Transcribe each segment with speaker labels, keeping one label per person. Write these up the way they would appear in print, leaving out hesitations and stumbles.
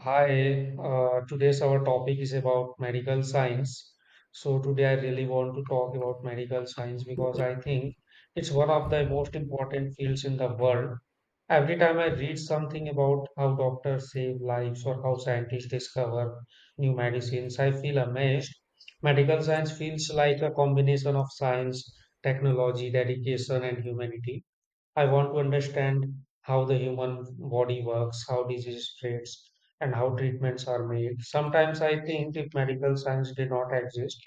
Speaker 1: Hi, today's our topic is about medical science. So today I really want to talk about medical science because I think it's one of the most important fields in the world. Every time I read something about how doctors save lives or how scientists discover new medicines, I feel amazed. Medical science feels like a combination of science, technology, dedication, and humanity. I want to understand how the human body works, how disease spreads, and how treatments are made. Sometimes I think if medical science did not exist,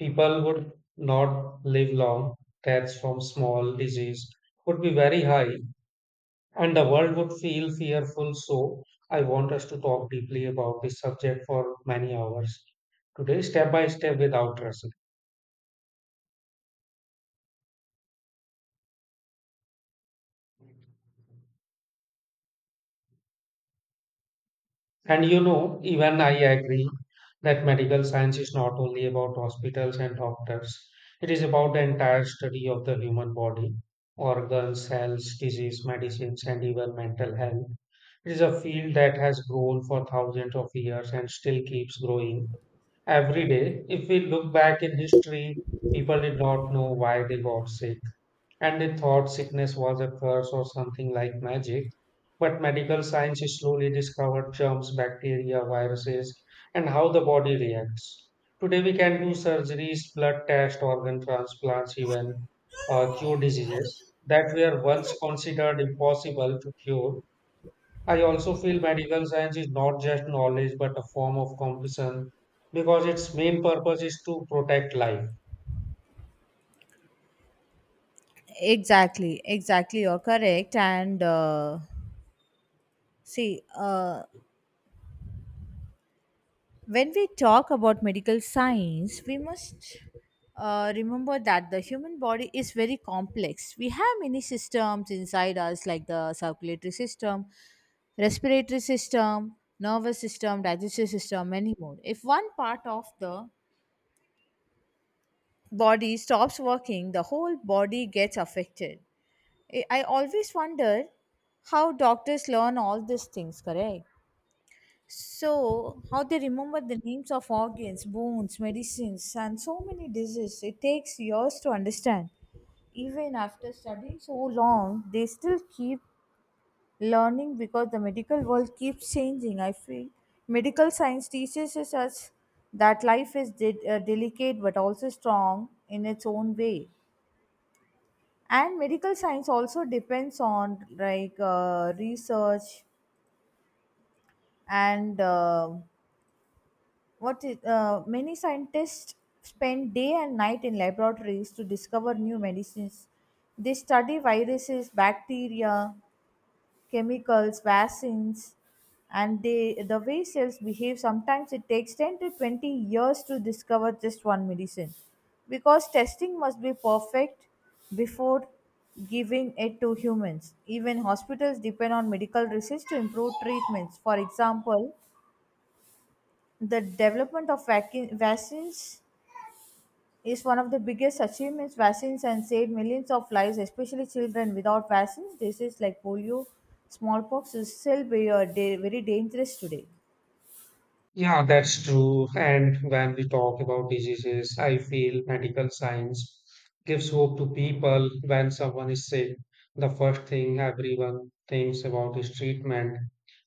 Speaker 1: people would not live long. Deaths from small disease would be very high, and the world would feel fearful. So I want us to talk deeply about this subject for many hours today, step by step, without rush. And you know, even I agree that medical science is not only about hospitals and doctors, it is about the entire study of the human body, organs, cells, disease, medicines, and even mental health. It is a field that has grown for thousands of years and still keeps growing every day. If we look back in history, people did not know why they got sick and they thought sickness was a curse or something like magic. But medical science slowly discovered germs, bacteria, viruses, and how the body reacts. Today, we can do surgeries, blood tests, organ transplants, even cure diseases that were once considered impossible to cure. I also feel medical science is not just knowledge but a form of compassion because its main purpose is to protect life.
Speaker 2: Exactly, exactly, you're correct. And see When we talk about medical science, we must remember that the human body is very complex. We have many systems inside us like the circulatory system, respiratory system, nervous system, digestive system, many more. If one part of the body stops working, the whole body gets affected. I always wonder how doctors learn all these things, correct? So, how they remember the names of organs, bones, medicines, and so many diseases. It takes years to understand. Even after studying so long, they still keep learning because the medical world keeps changing. I feel medical science teaches us that life is delicate but also strong in its own way. And medical science also depends on research and uh, many scientists spend day and night in laboratories to discover new medicines. They study viruses, bacteria, chemicals, vaccines, and the way cells behave. Sometimes it takes 10 to 20 years to discover just one medicine because testing must be perfect before giving it to humans. Even hospitals depend on medical research to improve treatments. For example, the development of vaccines is one of the biggest achievements. Vaccines and saved millions of lives, especially children. Without vaccines, diseases like polio, smallpox is still very dangerous today.
Speaker 1: Yeah, that's true. And when we talk about diseases, I feel medical science gives hope to people when someone is sick. The first thing everyone thinks about is treatment,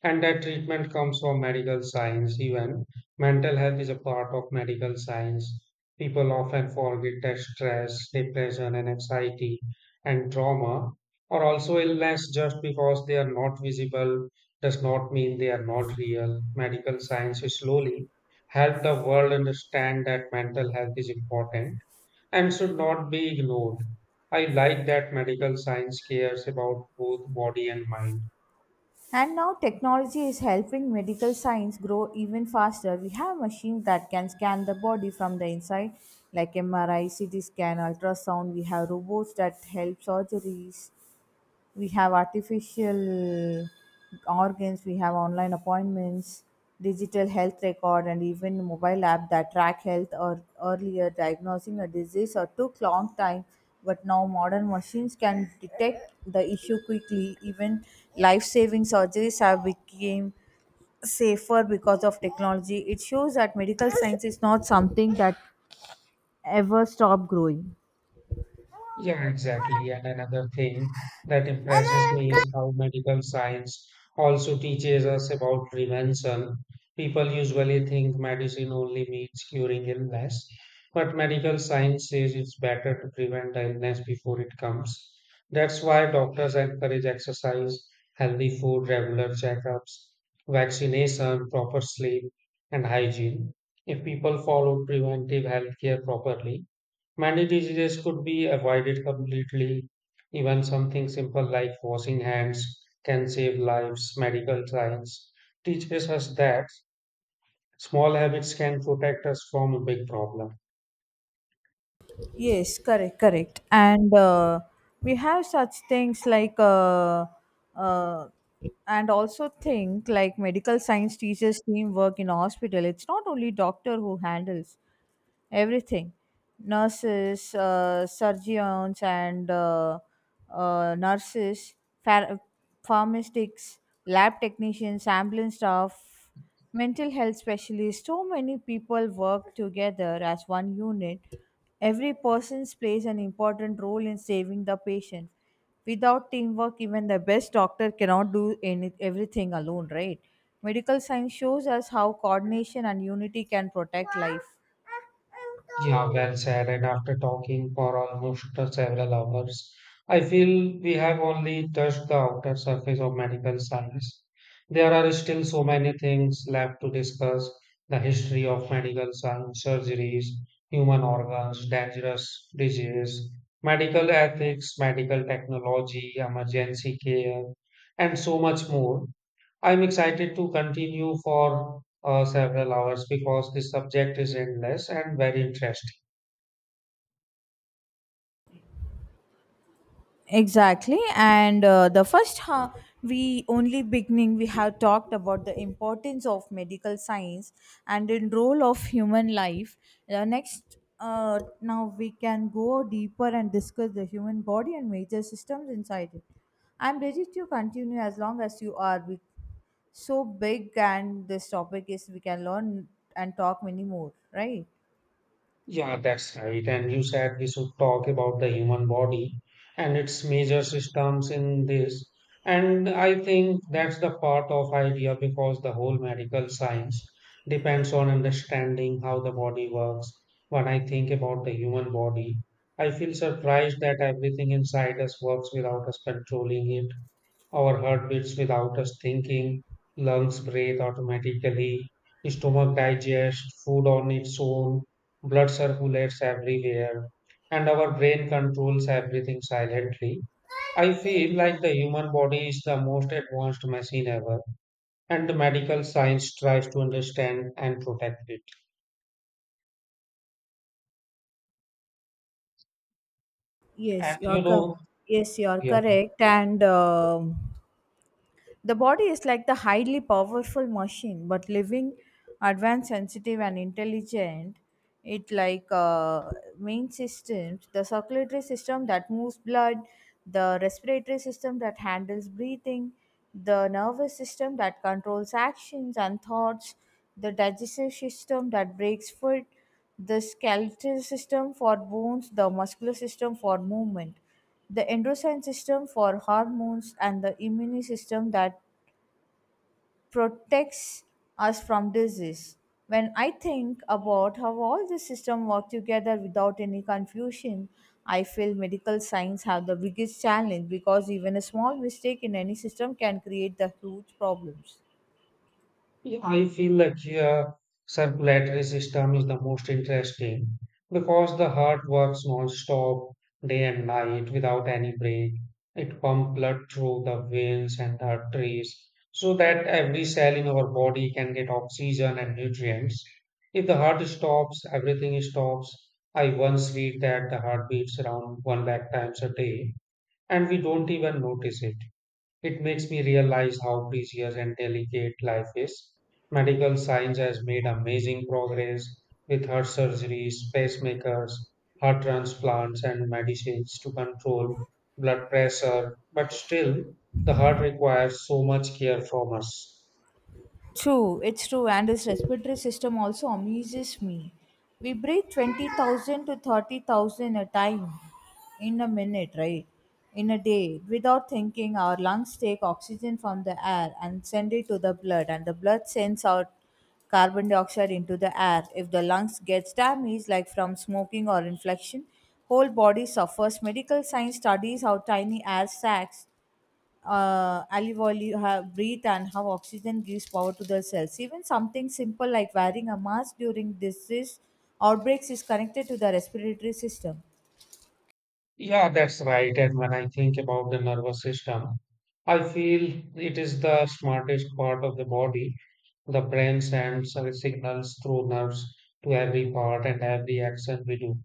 Speaker 1: and that treatment comes from medical science. Even mental health is a part of medical science. People often forget that stress, depression, and anxiety and trauma are also illness just because they are not visible does not mean they are not real. Medical science will slowly help the world understand that mental health is important and should not be ignored. I like that medical science cares about both body and mind.
Speaker 2: And now technology is helping medical science grow even faster. We have machines that can scan the body from the inside, like MRI, CT scan, ultrasound. We have robots that help surgeries, we have artificial organs, we have online appointments, digital health record, and even mobile app that track health or earlier diagnosing a disease or took long time. But now modern machines can detect the issue quickly. Even life-saving surgeries have become safer because of technology. It shows that medical science is not something that ever stop growing.
Speaker 1: Yeah, exactly. And another thing that impresses me is how medical science also teaches us about prevention. People usually think medicine only means curing illness, but medical science says it's better to prevent the illness before it comes. That's why doctors encourage exercise, healthy food, regular checkups, vaccination, proper sleep, and hygiene. If people follow preventive healthcare properly, many diseases could be avoided completely. Even something simple like washing hands can save lives. Medical science teaches us that small habits can protect us from a big problem.
Speaker 2: Yes, correct, correct. And we have such things like, uh, and also think like medical science teaches teamwork in hospital. It's not only doctor who handles everything. Nurses, surgeons, and nurses, phar- pharmacists, lab technicians, ambulance staff, mental health specialists, so many people work together as one unit. Every person plays an important role in saving the patient. Without teamwork, even the best doctor cannot do any, everything alone, right? Medical science shows us how coordination and unity can protect life.
Speaker 1: Yeah, well said. And after talking for almost several hours, I feel we have only touched the outer surface of medical science. There are still so many things left to discuss the history of medical science, surgeries, human organs, dangerous disease, medical ethics, medical technology, emergency care, and so much more. I'm excited to continue for several hours because this subject is endless and very interesting.
Speaker 2: Exactly and uh, the first ha- we only beginning. We have talked about the importance of medical science and in role of human life. The next Now we can go deeper and discuss the human body and major systems inside it. I'm ready to continue as long as you are. We, so big and this topic is, we can learn and talk many more, right?
Speaker 1: Yeah, that's right. And you said we should talk about the human body and its major systems in this. And I think that's the part of idea because the whole medical science depends on understanding how the body works. When I think about the human body, I feel surprised that everything inside us works without us controlling it. Our heart beats without us thinking, lungs breathe automatically, stomach digests food on its own, blood circulates everywhere, and our brain controls everything silently. I feel like the human body is the most advanced machine ever, and the medical science tries to understand and protect it.
Speaker 2: Yes,
Speaker 1: And
Speaker 2: you're
Speaker 1: you know,
Speaker 2: cor- yes, you're
Speaker 1: yeah.
Speaker 2: correct. And the body is like the highly powerful machine, but living, advanced, sensitive, and intelligent. It like Main systems, the circulatory system that moves blood, the respiratory system that handles breathing, the nervous system that controls actions and thoughts, the digestive system that breaks food, the skeletal system for bones, the muscular system for movement. The endocrine system for hormones and the immune system that protects us from disease. When I think about how all this system work together without any confusion, I feel medical science have the biggest challenge because even a small mistake in any system can create the huge problems.
Speaker 1: Yeah, I feel like your circulatory system is the most interesting because the heart works non-stop day and night without any break. It pumps blood through the veins and arteries so that every cell in our body can get oxygen and nutrients. If the heart stops, everything stops. I once read that the heart beats around one lakh times a day and we don't even notice it. It makes me realize how precious and delicate life is. Medical science has made amazing progress with heart surgeries, pacemakers, heart transplants, and medicines to control blood pressure, but still, the heart requires so much care from us.
Speaker 2: True, it's true, and this respiratory system also amazes me. We breathe 20,000 to 30,000 a time in a minute, right? In a day. Without thinking, our lungs take oxygen from the air and send it to the blood, and the blood sends out carbon dioxide into the air. If the lungs gets damaged, like from smoking or infection, whole body suffers. Medical science studies how tiny air sacs olive oil you have breathe and how oxygen gives power to the cells. Even something simple like wearing a mask during disease outbreaks is connected to the respiratory system.
Speaker 1: Yeah, that's right. And when I think about the nervous system, I feel it is the smartest part of the body. The brain sends signals through nerves to every part and every action we do.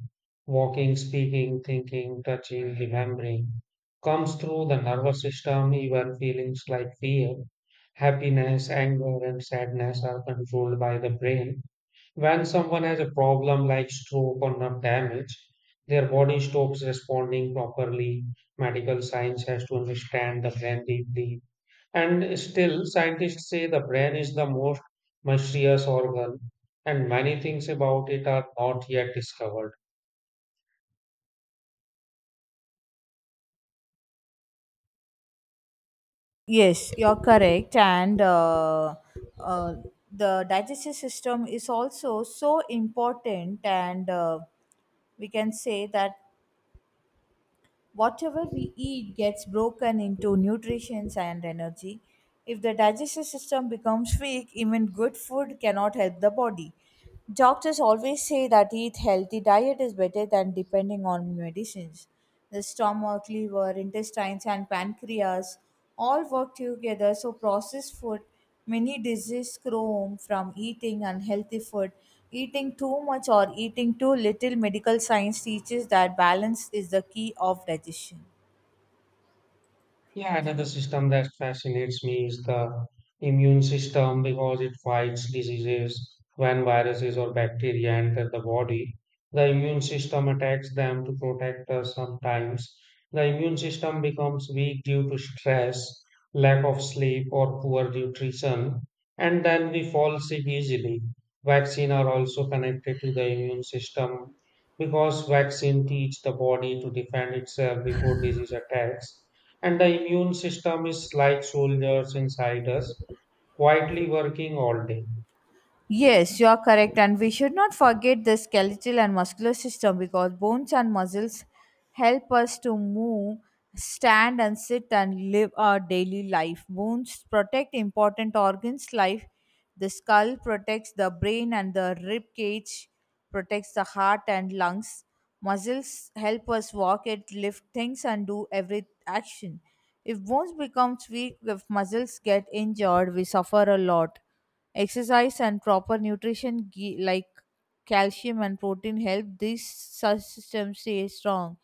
Speaker 1: Walking, speaking, thinking, touching, remembering comes through the nervous system. Even feelings like fear, happiness, anger, and sadness are controlled by the brain. When someone has a problem like stroke or nerve damage, their body stops responding properly. Medical science has to understand the brain deeply and still, scientists say the brain is the most mysterious organ, and many things about it are not yet discovered.
Speaker 2: Yes, you're correct, and uh, the digestive system is also so important, and we can say that whatever we eat gets broken into nutrition and energy. If the digestive system becomes weak, even good food cannot help the body. Doctors always say that eat healthy diet is better than depending on medicines. The stomach, liver, intestines, and pancreas all work together, so processed food. Many diseases come from eating unhealthy food. Eating too much or eating too little, medical science teaches that balance is the key of digestion.
Speaker 1: Yeah, another system that fascinates me is the immune system because it fights diseases. When viruses or bacteria enter the body, the immune system attacks them to protect us sometimes. The immune system becomes weak due to stress, lack of sleep, or poor nutrition, and then we fall sick easily. Vaccines are also connected to the immune system because vaccine teach the body to defend itself before disease attacks and the immune system is like soldiers inside us, quietly working all day.
Speaker 2: Yes, you are correct, and we should not forget the skeletal and muscular system because bones and muscles help us to move, stand, and sit and live our daily life. Bones protect important organs like the skull protects the brain and the rib cage protects the heart and lungs. Muscles help us walk it, lift things, and do every action. If bones become weak, if muscles get injured, we suffer a lot. Exercise and proper nutrition, like calcium and protein, help this system stay strong.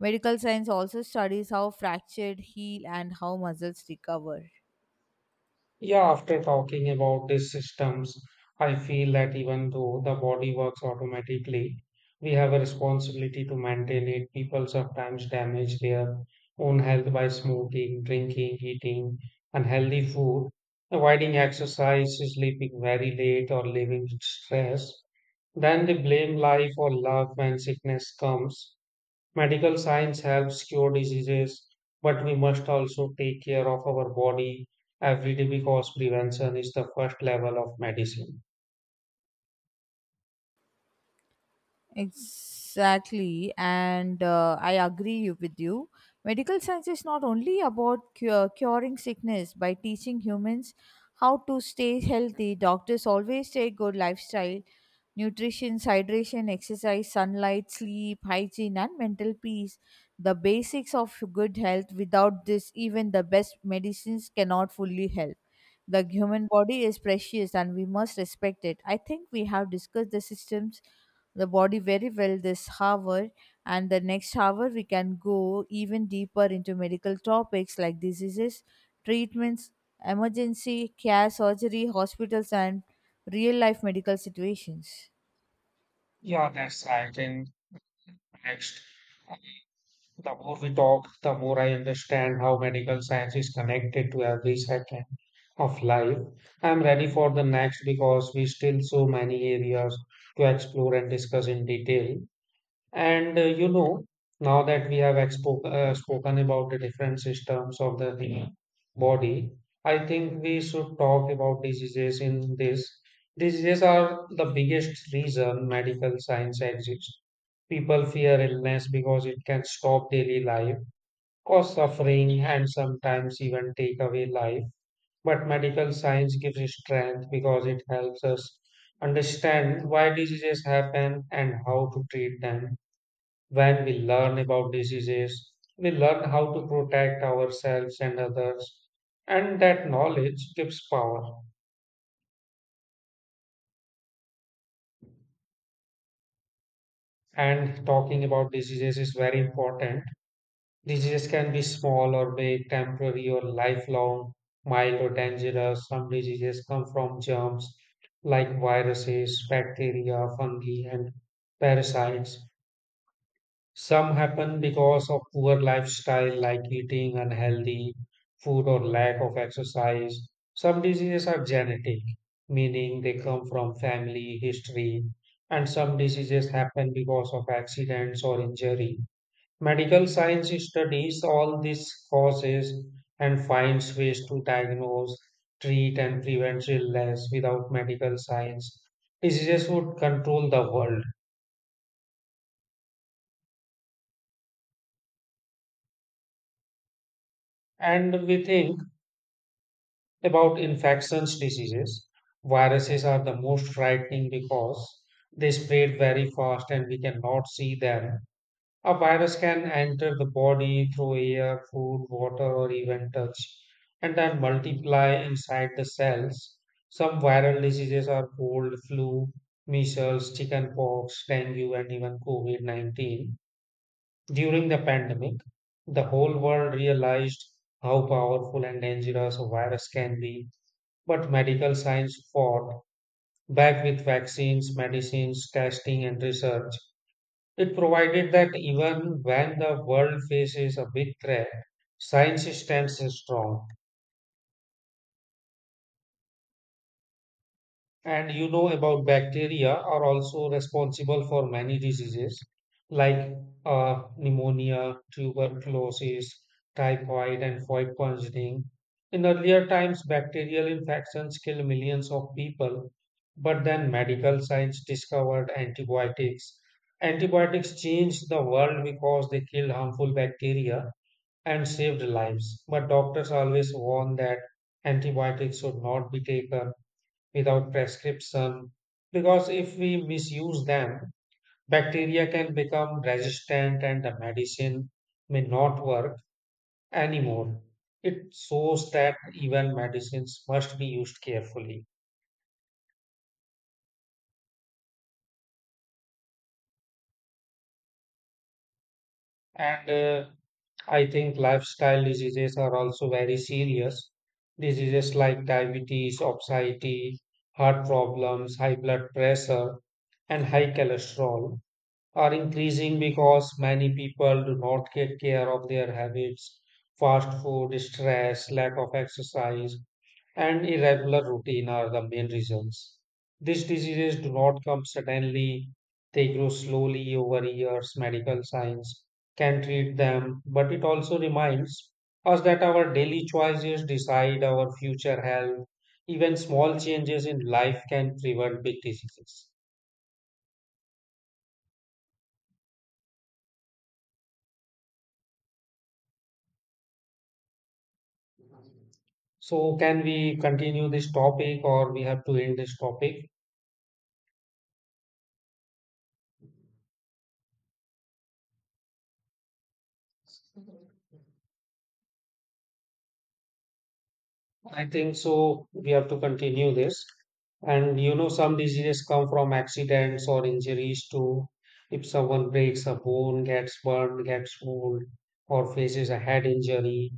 Speaker 2: Medical science also studies how fractures heal and how muscles recover.
Speaker 1: Yeah, after talking about these systems, I feel that even though the body works automatically, we have a responsibility to maintain it. People sometimes damage their own health by smoking, drinking, eating unhealthy food, avoiding exercise, sleeping very late, or living with stress. Then they blame life or love when sickness comes. Medical science helps cure diseases, but we must also take care of our body every day because prevention is the first level of medicine.
Speaker 2: Exactly, and I agree with you. Medical science is not only about cure, curing sickness by teaching humans how to stay healthy. Doctors always say good lifestyle, nutrition, hydration, exercise, sunlight, sleep, hygiene, and mental peace. The basics of good health. Without this, even the best medicines cannot fully help. The human body is precious and we must respect it. I think we have discussed the systems, the body very well this hour, and the next hour we can go even deeper into medical topics like diseases, treatments, emergency care, surgery, hospitals, and real life medical situations.
Speaker 1: Yeah, that's right. And next, the more we talk, the more I understand how medical science is connected to every second of life. I'm ready for the next because we still so many areas to explore and discuss in detail. And you know, now that we have spoken about the different systems of the Mhm. body, I think we should talk about diseases in this. Diseases are the biggest reason medical science exists. People fear illness because it can stop daily life, cause suffering, and sometimes even take away life. But medical science gives us strength because it helps us understand why diseases happen and how to treat them when we learn about diseases, we learn how to protect ourselves and others, and that knowledge gives power. And talking about diseases is very important. Diseases can be small or big, temporary or lifelong, mild or dangerous. Some diseases come from germs like viruses, bacteria, fungi, and parasites. Some happen because of poor lifestyle, like eating unhealthy food or lack of exercise. Some diseases are genetic, meaning they come from family history, and some diseases happen because of accidents or injury. Medical science studies all these causes and finds ways to diagnose, treat, and prevent illness. Without medical science, diseases would control the world. And we think about infections diseases, viruses are the most frightening because they spread very fast and we cannot see them. A virus can enter the body through air, food, water, or even touch, and then multiply inside the cells. Some viral diseases are cold, flu, measles, chickenpox, dengue, and even COVID -19. During the pandemic, the whole world realized how powerful and dangerous a virus can be but medical science fought back with vaccines, medicines, testing, and research. It provided that even when the world faces a big threat, science stands strong. And you know about bacteria are also responsible for many diseases like pneumonia, tuberculosis, typhoid, and foid poisoning. In earlier times, bacterial infections killed millions of people, but then medical science discovered antibiotics. Antibiotics changed the world because they killed harmful bacteria and saved lives. But doctors always warn that antibiotics should not be taken without prescription because if we misuse them, bacteria can become resistant and the medicine may not work anymore. It shows that even medicines must be used carefully. And I think lifestyle diseases are also very serious. Diseases like diabetes, obesity, heart problems, high blood pressure, and high cholesterol are increasing because many people do not take care of their habits. Fast food, stress, lack of exercise, and irregular routine are the main reasons. These diseases do not come suddenly, they grow slowly over years. Medical science can treat them, but it also reminds us that our daily choices decide our future health. Even small changes in life can prevent big diseases. So can we continue this topic or we have to end this topic? I think so. We have to continue this. And you know, some diseases come from accidents or injuries too. If someone breaks a bone, gets burned, gets wound, or faces a head injury,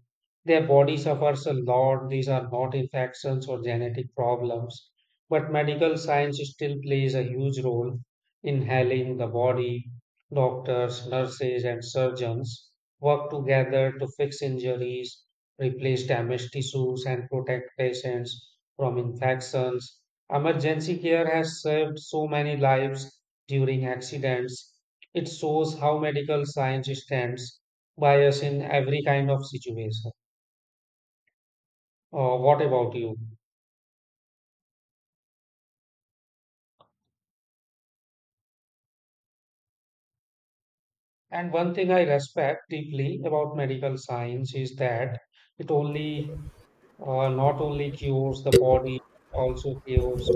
Speaker 1: their body suffers a lot. These are not infections or genetic problems. But medical science still plays a huge role in healing the body. Doctors, nurses, and surgeons work together to fix injuries replace damaged tissues, and protect patients from infections. Emergency care has saved so many lives during accidents. It shows how medical science stands by us in every kind of situation. What about you? And one thing I respect deeply about medical science is that it only not only cures the body but also cures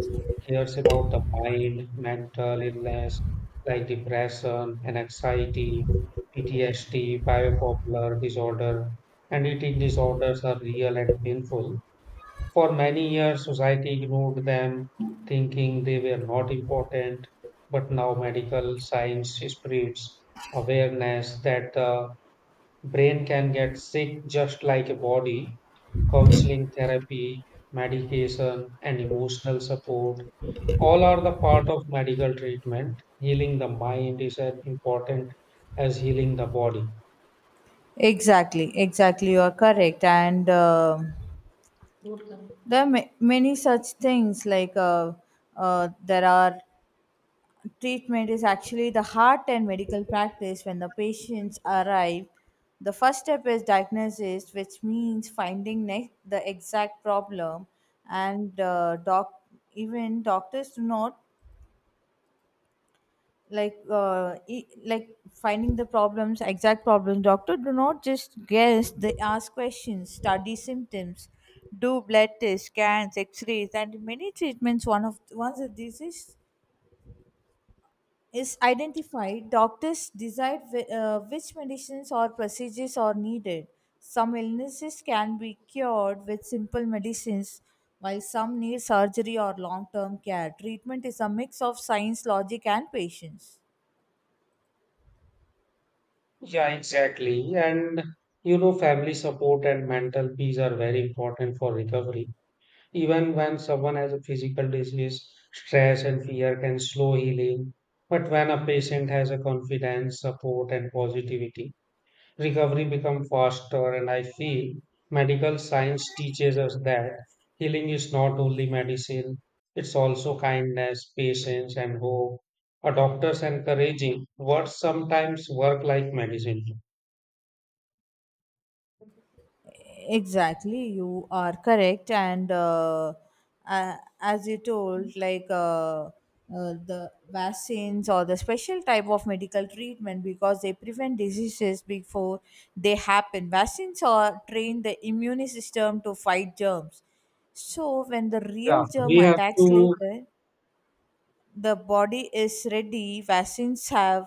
Speaker 1: cares about the mind, mental illness like depression and anxiety, PTSD, bipolar disorder, and eating disorders are real and painful. For many years, society ignored them, thinking they were not important. But now, medical science spreads awareness that the brain can get sick just like a body counseling therapy, medication, and emotional support. All are the part of medical treatment. Healing the mind is as important as healing the body.
Speaker 2: Exactly, exactly. You are correct, and there are many such things there are. Treatment is actually the heart and medical practice. When the patients arrive, the first step is diagnosis, which means finding the exact problem. And uh, doc even doctors do not, like finding the problems, exact problems, doctor do not just guess. They ask questions, study symptoms, do blood tests, scans, x-rays, and many treatments. One of, once a disease is identified, doctors decide which medicines or procedures are needed. Some illnesses can be cured with simple medicines, while some need surgery or long term care. Treatment is a mix of science, logic, and patience.
Speaker 1: Yeah, exactly. And you know, family support and mental peace are very important for recovery. Even when someone has a physical disease, stress and fear can slow healing. But when a patient has a confidence, support, and positivity, recovery become faster and I feel medical science teaches us that healing is not only medicine it's also kindness patience and hope a doctor's encouraging words sometimes work like medicine.
Speaker 2: Exactly, you are correct. And uh, as you told, like The vaccines or the special type of medical treatment because they prevent diseases before they happen. Vaccines are train the immune system to fight germs. So when the real
Speaker 1: Yeah,
Speaker 2: germ
Speaker 1: we have
Speaker 2: attacks
Speaker 1: to
Speaker 2: later, the body is ready. Vaccines have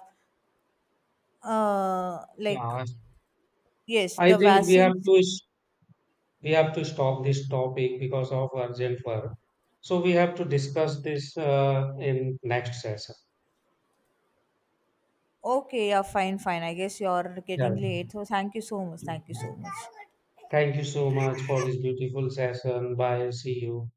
Speaker 2: like
Speaker 1: yeah,
Speaker 2: Yes,
Speaker 1: I
Speaker 2: the
Speaker 1: think
Speaker 2: vaccines.
Speaker 1: we have to stop this topic because of urgent work. So we have to discuss this in next session.
Speaker 2: Okay, yeah, fine, fine. I guess you're getting late. So thank you so much.
Speaker 1: Yeah.
Speaker 2: Thank you so much.
Speaker 1: Thank you so much for this beautiful session. Bye. See you.